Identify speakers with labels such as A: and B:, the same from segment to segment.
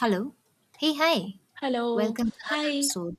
A: Hello. Hey, hi.
B: Hello.
A: Welcome to another
B: Hi.
A: episode.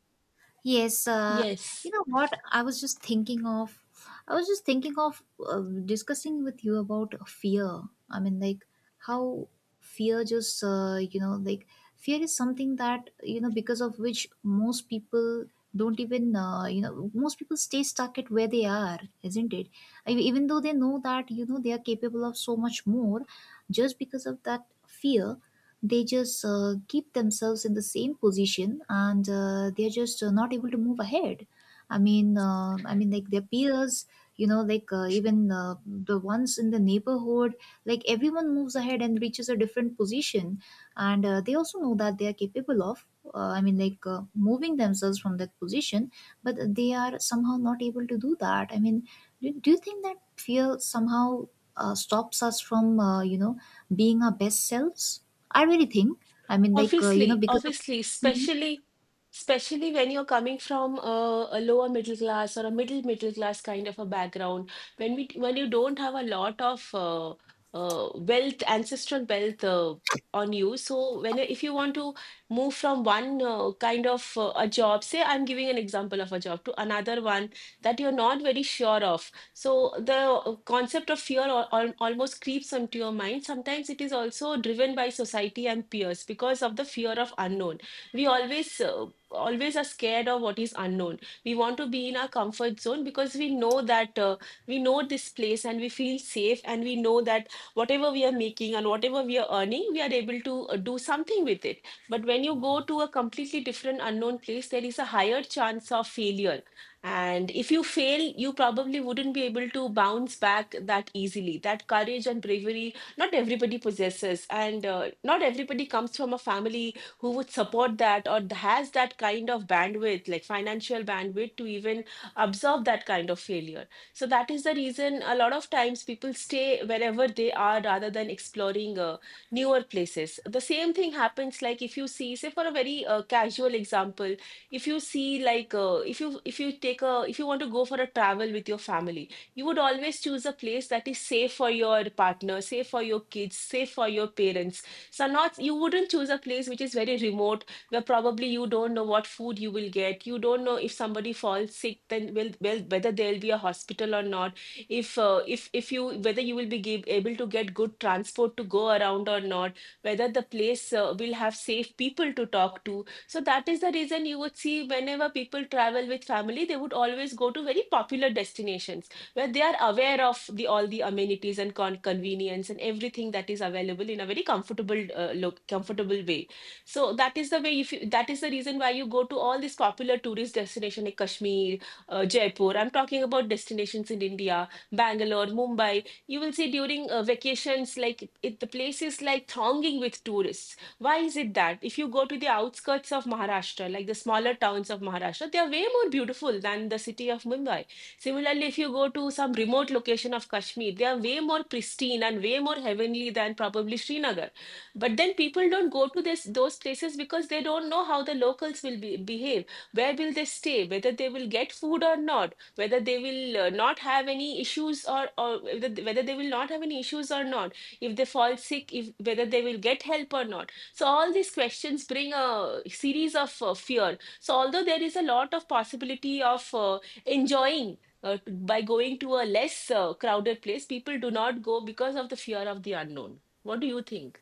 A: Yes, you
B: Yes.
A: know what? I was just thinking of discussing with you about fear. I mean, like, how fear just, like, fear is something that, because of which most people don't even, most people stay stuck at where they are, isn't it? I Even though they know that, they are capable of so much more, just because of that fear, they just keep themselves in the same position, and they're just not able to move ahead. I mean, like, their peers, you know, like, even the ones in the neighborhood, like, everyone moves ahead and reaches a different position. And they also know that they are capable of, I mean, like, moving themselves from that position, but they are somehow not able to do that. I mean, do you think that fear somehow stops us from, you know, being our best selves? I really think. I mean, like, you know,
B: Obviously,
A: because of.
B: obviously,
A: Mhm.
B: especially especially when you're coming from a lower middle class or a middle middle class kind of a background, when we when you don't have a lot of wealth, ancestral wealth on you. So when if you want to move from one kind of a job, say I'm giving an example of a job to another one that you're not very sure of. So the concept of fear almost creeps onto your mind. Sometimes it is also driven by society and peers because of the fear of unknown. We always always are scared of what is unknown. We want to be in our comfort zone, because we know that we know this place and we feel safe, and we know that whatever we are making and whatever we are earning, we are able to do something with it. But when you go to a completely different unknown place, there is a higher chance of failure, and if you fail, you probably wouldn't be able to bounce back that easily. That courage and bravery, not everybody possesses. And not everybody comes from a family who would support that or has that kind of bandwidth, like financial bandwidth, to even absorb that kind of failure. So that is the reason a lot of times people stay wherever they are, rather than exploring newer places. The same thing happens. Like, if you see, say, for a very casual example, if you see like if you take a, if you want to go for a travel with your family, you would always choose a place that is safe for your partner, safe for your kids, safe for your parents. So not, you wouldn't choose a place which is very remote, where probably you don't know what food you will get, you don't know if somebody falls sick, then will, well, whether there'll be a hospital or not, if you, whether you will be give, able to get good transport to go around or not, whether the place will have safe people to talk to. So that is the reason you would see, whenever people travel with family, they would always go to very popular destinations where they are aware of the all the amenities and con- convenience and everything that is available in a very comfortable look, comfortable way. So that is the way. If you, that is the reason why you go to all these popular tourist destinations like Kashmir, Jaipur. I'm talking about destinations in India, Bangalore, Mumbai. You will see during vacations like it, the place is like thronging with tourists. Why is it that if you go to the outskirts of Maharashtra, like the smaller towns of Maharashtra, they are way more beautiful than the city of Mumbai? Similarly, if you go to some remote location of Kashmir, they are way more pristine and way more heavenly than probably Srinagar. But then people don't go to this those places because they don't know how the locals will be, behave. Where will they stay? Whether they will get food or not? Whether they will not have any issues, or whether, whether they will not have any issues or not? If they fall sick, if whether they will get help or not? So all these questions bring a series of fear. So although there is a lot of possibility of enjoying by going to a less crowded place, people do not go because of the fear of the unknown. What do you think?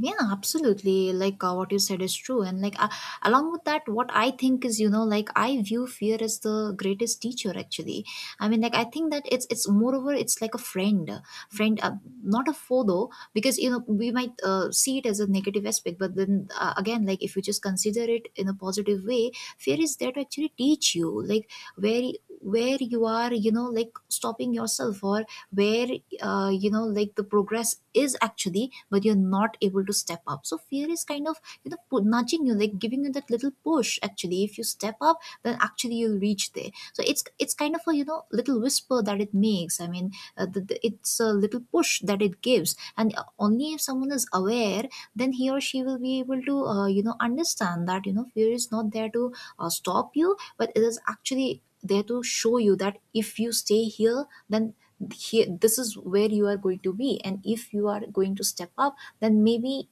A: Yeah, absolutely. Like, what you said is true. And, like, along with that, what I think is, you know, like, I view fear as the greatest teacher. Actually, I mean, like, I think that it's moreover, it's like a friend, friend, not a foe, though, because, you know, we might see it as a negative aspect. But then, again, like, if you just consider it in a positive way, fear is there to actually teach you, like, where where you are, you know, like, stopping yourself, or where, you know, like, the progress is actually, but you're not able to step up. So fear is kind of, you know, nudging you, like, giving you that little push. Actually, if you step up, then actually you'll reach there. So it's kind of, a you know, little whisper that it makes. I mean, the, it's a little push that it gives. And only if someone is aware, then he or she will be able to you know, understand that, you know, fear is not there to stop you, but it is actually there to show you that if you stay here, then here, this is where you are going to be. And if you are going to step up, then maybe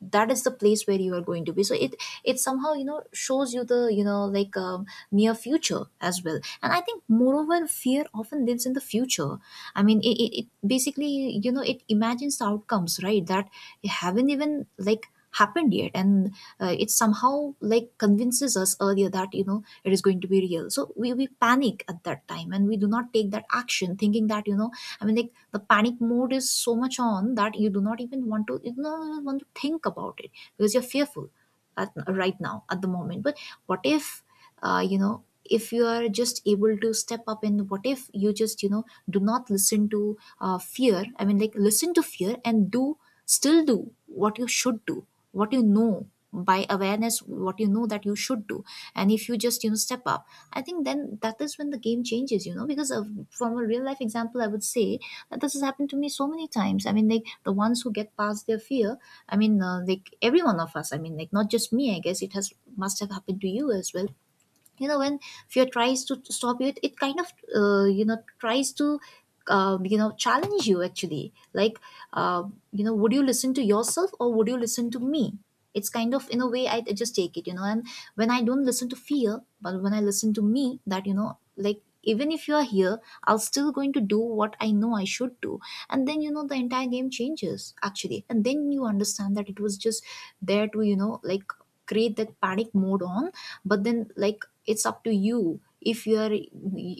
A: that is the place where you are going to be. So it somehow, you know, shows you the, you know, like, near future as well. And I think, moreover, fear often lives in the future. I mean, it basically, you know, it imagines the outcomes, right, that haven't even like happened yet. And it somehow like convinces us earlier that, you know, it is going to be real. So, we panic at that time, and we do not take that action, thinking that, you know, I mean, like, the panic mode is so much on, that you do not even want to think about it, because you're fearful at, right now at the moment. But what if, you know, if you are just able to step up, and what if you just, you know, do not listen to fear. I mean, like, listen to fear and do still do what you should do, what you know by awareness, what you know that you should do. And if you just, you know, step up, I think then that is when the game changes, you know, because of, from a real life example, I would say that, this has happened to me so many times. I mean, like, the ones who get past their fear, I mean, like, every one of us, I mean, like, not just me, I guess it has must have happened to you as well, you know, when fear tries to stop you, it kind of you know, tries to you know, challenge you, actually, like, you know, would you listen to yourself, or would you listen to me. It's kind of, in a way, I just take it, you know. And when I don't listen to fear, but when I listen to me, that, you know, like, even if you are here, I'll still going to do what I know I should do. And then, you know, the entire game changes, actually. And then you understand that it was just there to, you know, like, create that panic mode on. But then, like, it's up to you if you are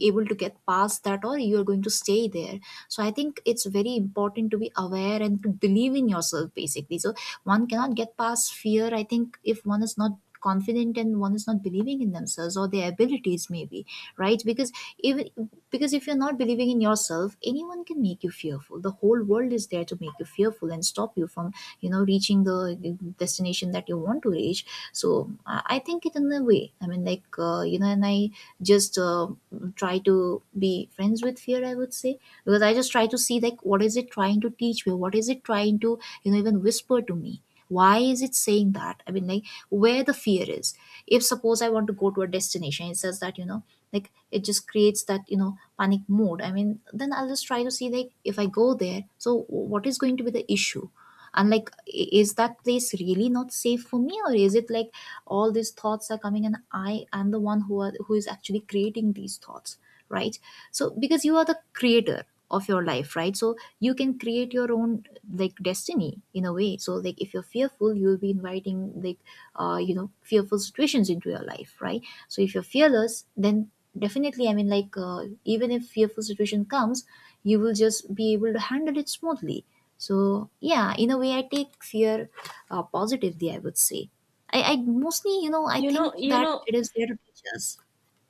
A: able to get past that, or you are going to stay there. So I think it's very important to be aware and to believe in yourself, basically. So one cannot get past fear, I think, if one is not confident, and one is not believing in themselves or their abilities, maybe, right? Because even, because if you're not believing in yourself, anyone can make you fearful. The whole world is there to make you fearful and stop you from, you know, reaching the destination that you want to reach. So I think it, in a way, I mean, like, you know, and I just try to be friends with fear, I would say. Because I just try to see, like, what is it trying to teach me? What is it trying to, you know, even whisper to me? Why is it saying that? I mean, like, where the fear is. If, suppose, I want to go to a destination, it says that, you know, like, it just creates that, you know, panic mode. I mean, then I'll just try to see, like, if I go there, so what is going to be the issue. And, like, is that place really not safe for me, or is it like, all these thoughts are coming, and I am the one who are, who is actually creating these thoughts, right? So, because you are the creator of your life, right? So you can create your own, like, destiny, in a way. So, like, if you're fearful, you'll be inviting, like, you know, fearful situations into your life, right? So if you're fearless, then definitely, I mean, like, even if fearful situation comes, you will just be able to handle it smoothly. So, yeah, in a way, I take fear positively, I would say. I mostly, you know, I
B: You know,
A: think
B: you
A: that
B: know,
A: it is there to teach us.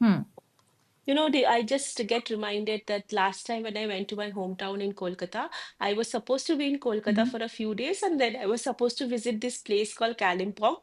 A: Hmm.
B: I just get reminded that last time when I went to my hometown in Kolkata, I was supposed to be in Kolkata for a few days, and then I was supposed to visit this place called Kalimpong,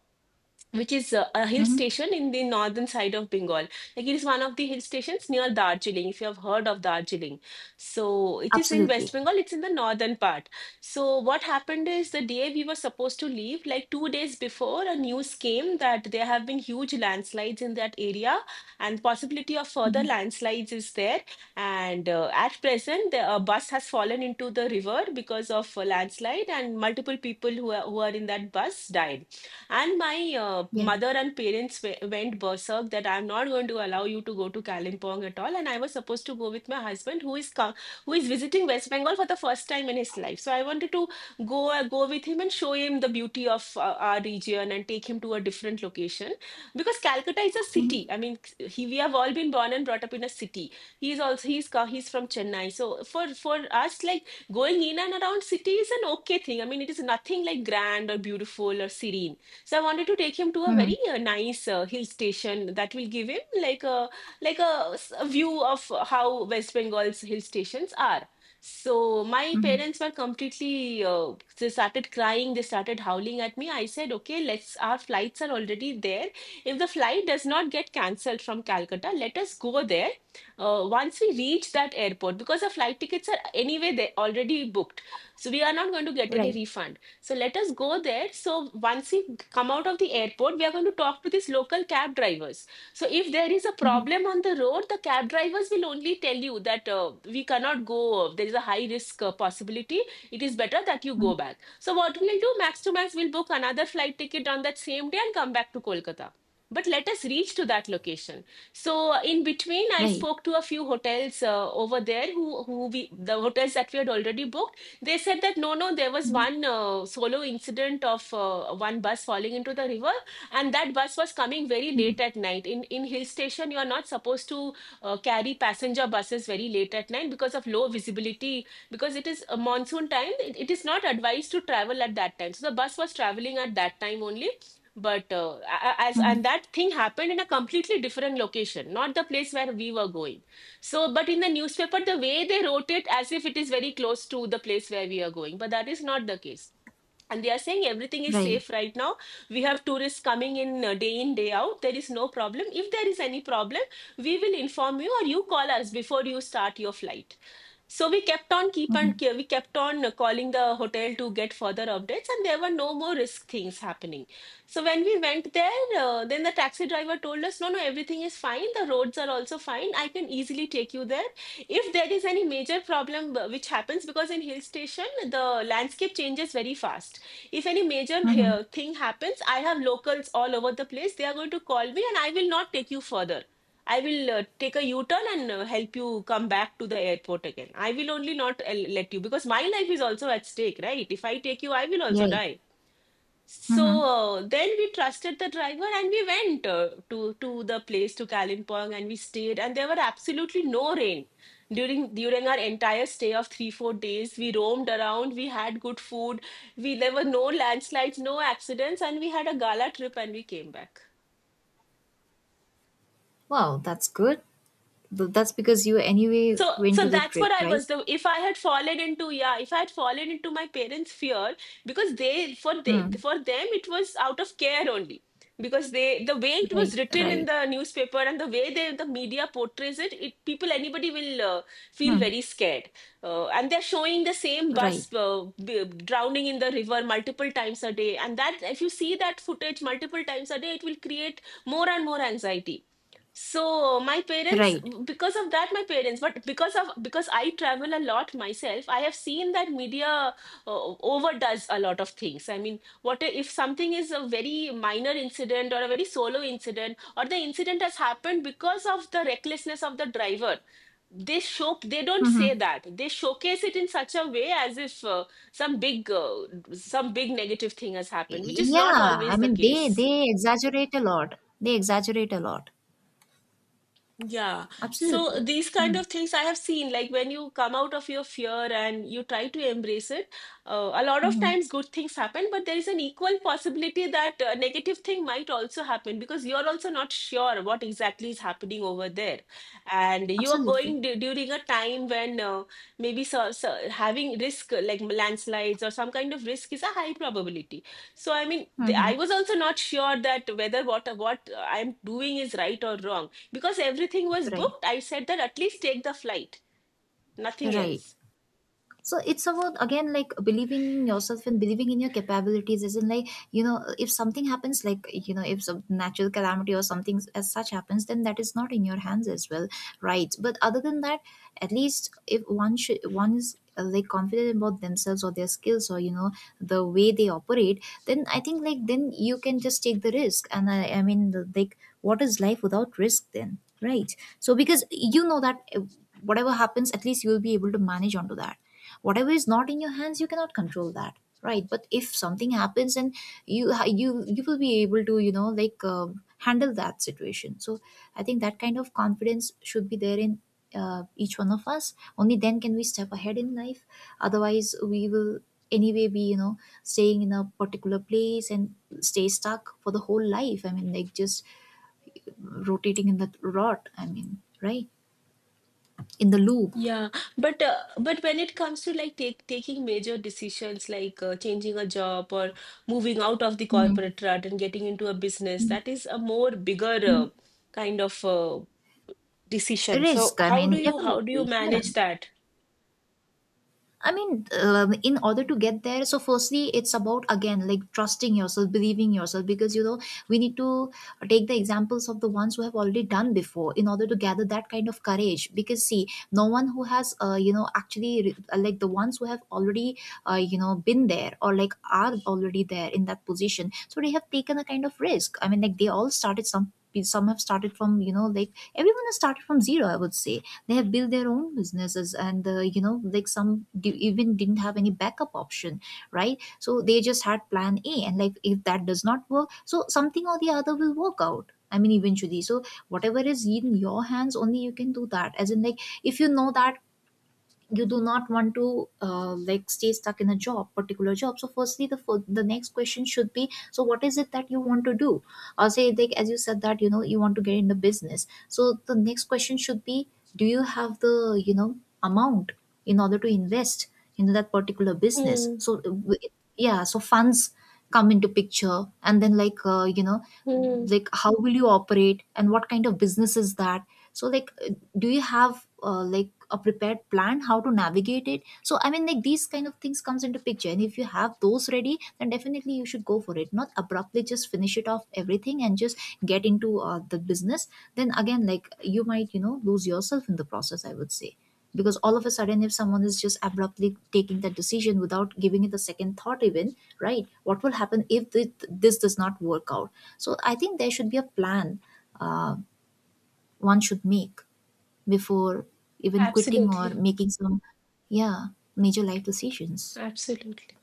B: which is a hill
A: Hmm.
B: station in the northern side of Bengal. Like, it is one of the hill stations near Darjeeling, if you have heard of Darjeeling. So it is in West
A: Absolutely.
B: Bengal, it's in the northern part. So what happened is, the day we were supposed to leave, like 2 days before, a news came that there have been huge landslides in that area, and possibility of further
A: Hmm.
B: landslides is there. And at present, the, a bus has fallen into the river because of a landslide, and multiple people who are in that bus died. And my
A: Yeah.
B: mother and parents we- went berserk that I'm not going to allow you to go to Kalimpong at all. And I was supposed to go with my husband, who is co- who is visiting West Bengal for the first time in his life. So I wanted to go go with him and show him the beauty of our region, and take him to a different location because Calcutta is a
A: Hmm.
B: city. I mean, he, we have all been born and brought up in a city. He's also he's co- he's from Chennai. So for us, like, going in and around city is an okay thing. I mean, it is nothing like grand or beautiful or serene, so I wanted to take him to a
A: Hmm.
B: very nice hill station that will give him like a, s- a view of how West Bengal's hill stations are. So my parents were completely they started crying, they started howling at me. I said, okay, let's, our flights are already there. If the flight does not get cancelled from Calcutta, let us go there once we reach that airport, because the flight tickets are anyway they already booked. So we are not going to get any
A: Right.
B: refund. So let us go there. So once we come out of the airport, we are going to talk to these local cab drivers. So if there is a
A: Hmm.
B: problem on the road, the cab drivers will only tell you that we cannot go. There is a high risk possibility. It is better that you
A: Hmm.
B: go back. So what we'll do, max to max, we'll book another flight ticket on that same day and come back to Kolkata. But let us reach to that location. So in between, I
A: Right.
B: spoke to a few hotels over there, who we the hotels that we had already booked, they said that no, no, there was one solo incident of one bus falling into the river, and that bus was coming very late at night. In hill station, you are not supposed to carry passenger buses very late at night because of low visibility. Because it is a monsoon time, it is not advised to travel at that time. So the bus was traveling at that time only. But as
A: Hmm.
B: and that thing happened in a completely different location, not the place where we were going. So, but in the newspaper, the way they wrote it as if it is very close to the place where we are going, but that is not the case. And they are saying everything is
A: Right.
B: safe right now. We have tourists coming in day in, day out. There is no problem. If there is any problem, we will inform you, or you call us before you start your flight. So we kept on keep on
A: Hmm.
B: we kept on calling the hotel to get further updates, and there were no more risk things happening. So when we went there, then the taxi driver told us, "No, no, everything is fine. The roads are also fine. I can easily take you there. If there is any major problem which happens, because in hill station the landscape changes very fast. If any major
A: Hmm.
B: thing happens, I have locals all over the place. They are going to call me, and I will not take you further." I will take a U-turn and help you come back to the airport again. I will only not let you, because my life is also at stake, right? If I take you, I will also
A: Right.
B: die. So
A: Hmm.
B: then we trusted the driver and we went to the place to Kalimpong, and we stayed and there were absolutely no rain during our entire stay of 3 4 days. We roamed around, we had good food, we there were no landslides, no accidents, and we had a gala trip and we came back.
A: Wow, that's good. But that's because you anyway
B: So,
A: went to
B: so
A: the
B: that's
A: trip,
B: what I
A: right?
B: was. The, if I had fallen into, yeah, if I had fallen into my parents' fear, because they,
A: Hmm.
B: for them, it was out of care only. Because they, the way it was
A: Right.
B: written in
A: Right.
B: the newspaper and the way they, the media portrays it, it people, anybody will feel
A: Hmm.
B: very scared. And they're showing the same
A: Right.
B: bus drowning in the river multiple times a day. And that, if you see that footage multiple times a day, it will create more and more anxiety. So my parents,
A: Right.
B: because of that, my parents, but because of, because I travel a lot myself, I have seen that media overdoes a lot of things. I mean, what if something is a very minor incident or a very solo incident, or the incident has happened because of the recklessness of the driver? They show, they don't say
A: Hmm.
B: that. They showcase it in such a way as if some big some big negative thing has happened, which is
A: Yeah.
B: not
A: I
B: always the
A: mean,
B: case.
A: they exaggerate a lot. They exaggerate a lot.
B: Yeah. So
A: Absolutely.
B: these kind
A: Hmm.
B: of things I have seen, like when you come out of your fear and you try to embrace it, a lot of
A: Hmm.
B: times good things happen, but there is an equal possibility that a negative thing might also happen, because you're also not sure what exactly is happening over there. And you are
A: Absolutely.
B: going d during a time when maybe, so, so having risk like landslides or some kind of risk is a high probability. So I mean, the, I
A: Hmm.
B: was also not sure that whether what I'm doing is right or wrong, because everything was
A: Right.
B: booked. I said that at least take the flight, nothing
A: Right.
B: else.
A: So it's about, again, like, believing in yourself and believing in your capabilities, isn't? Like, you know, if something happens, like, you know, if some natural calamity or something as such happens, then that is not in your hands as well, right? But other than that, at least if one should one is like, confident about themselves or their skills, or, you know, the way they operate, then I think, like, then you can just take the risk. And I mean, like, what is life without risk, then, right? So, because you know that whatever happens, at least you will be able to manage onto that. Whatever is not in your hands, you cannot control that, right? But if something happens, and you will be able to, you know, like, handle that situation. So I think that kind of confidence should be there in each one of us, only then can we step ahead in life. Otherwise, we will anyway be, you know, staying in a particular place and stay stuck for the whole life. I mean, like, just rotating in the rot, I mean, right, in the loop.
B: Yeah, but when it comes to like take, taking major decisions like changing a job or moving out of the
A: Mhm.
B: corporate rut and getting into a business, that is a more bigger
A: Mhm.
B: kind of decision. So
A: Risk, I mean,
B: how do you
A: definitely, yeah.
B: manage that?
A: I mean, in order to get there, so firstly, it's about, again, like, trusting yourself, believing yourself. Because, you know, we need to take the examples of the ones who have already done before, in order to gather that kind of courage. Because, see, no one who has you know, actually like, the ones who have already you know, been there, or, like, are already there in that position, so they have taken a kind of risk. I mean, like, they all started, some have started from, you know, like, everyone has started from zero, I would say. They have built their own businesses, and you know, like, some even didn't have any backup option, right? So they just had plan a, and, like, if that does not work, so something or the other will work out, I mean, eventually. So whatever is in your hands, only you can do that, as in, like, if you know that you do not want to like, stay stuck in a job, particular job, so firstly the the next question should be, so what is it that you want to do? Or, say, like, as you said that, you know, you want to get in the business, so the next question should be, do you have the, you know, amount in order to invest in that particular business,
B: Mm,
A: so yeah, so funds come into picture. And then, like, you know,
B: mm,
A: like, how will you operate, and what kind of business is that? So, like, do you have, like, a prepared plan, how to navigate it? So I mean, like, these kind of things comes into picture. And if you have those ready, then definitely you should go for it. Not abruptly just finish it off everything and just get into the business, then again, like, you might, you know, lose yourself in the process, I would say. Because all of a sudden, if someone is just abruptly taking that decision without giving it a second thought even, right, what will happen if this does not work out? So I think there should be a plan uh, one should make before even quitting or
B: absolutely,
A: making some, yeah, major life decisions.
B: absolutely.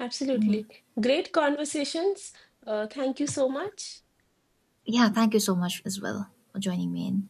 B: Absolutely. Great conversations. Thank you so much.
A: Yeah, thank you so much as well for joining me in.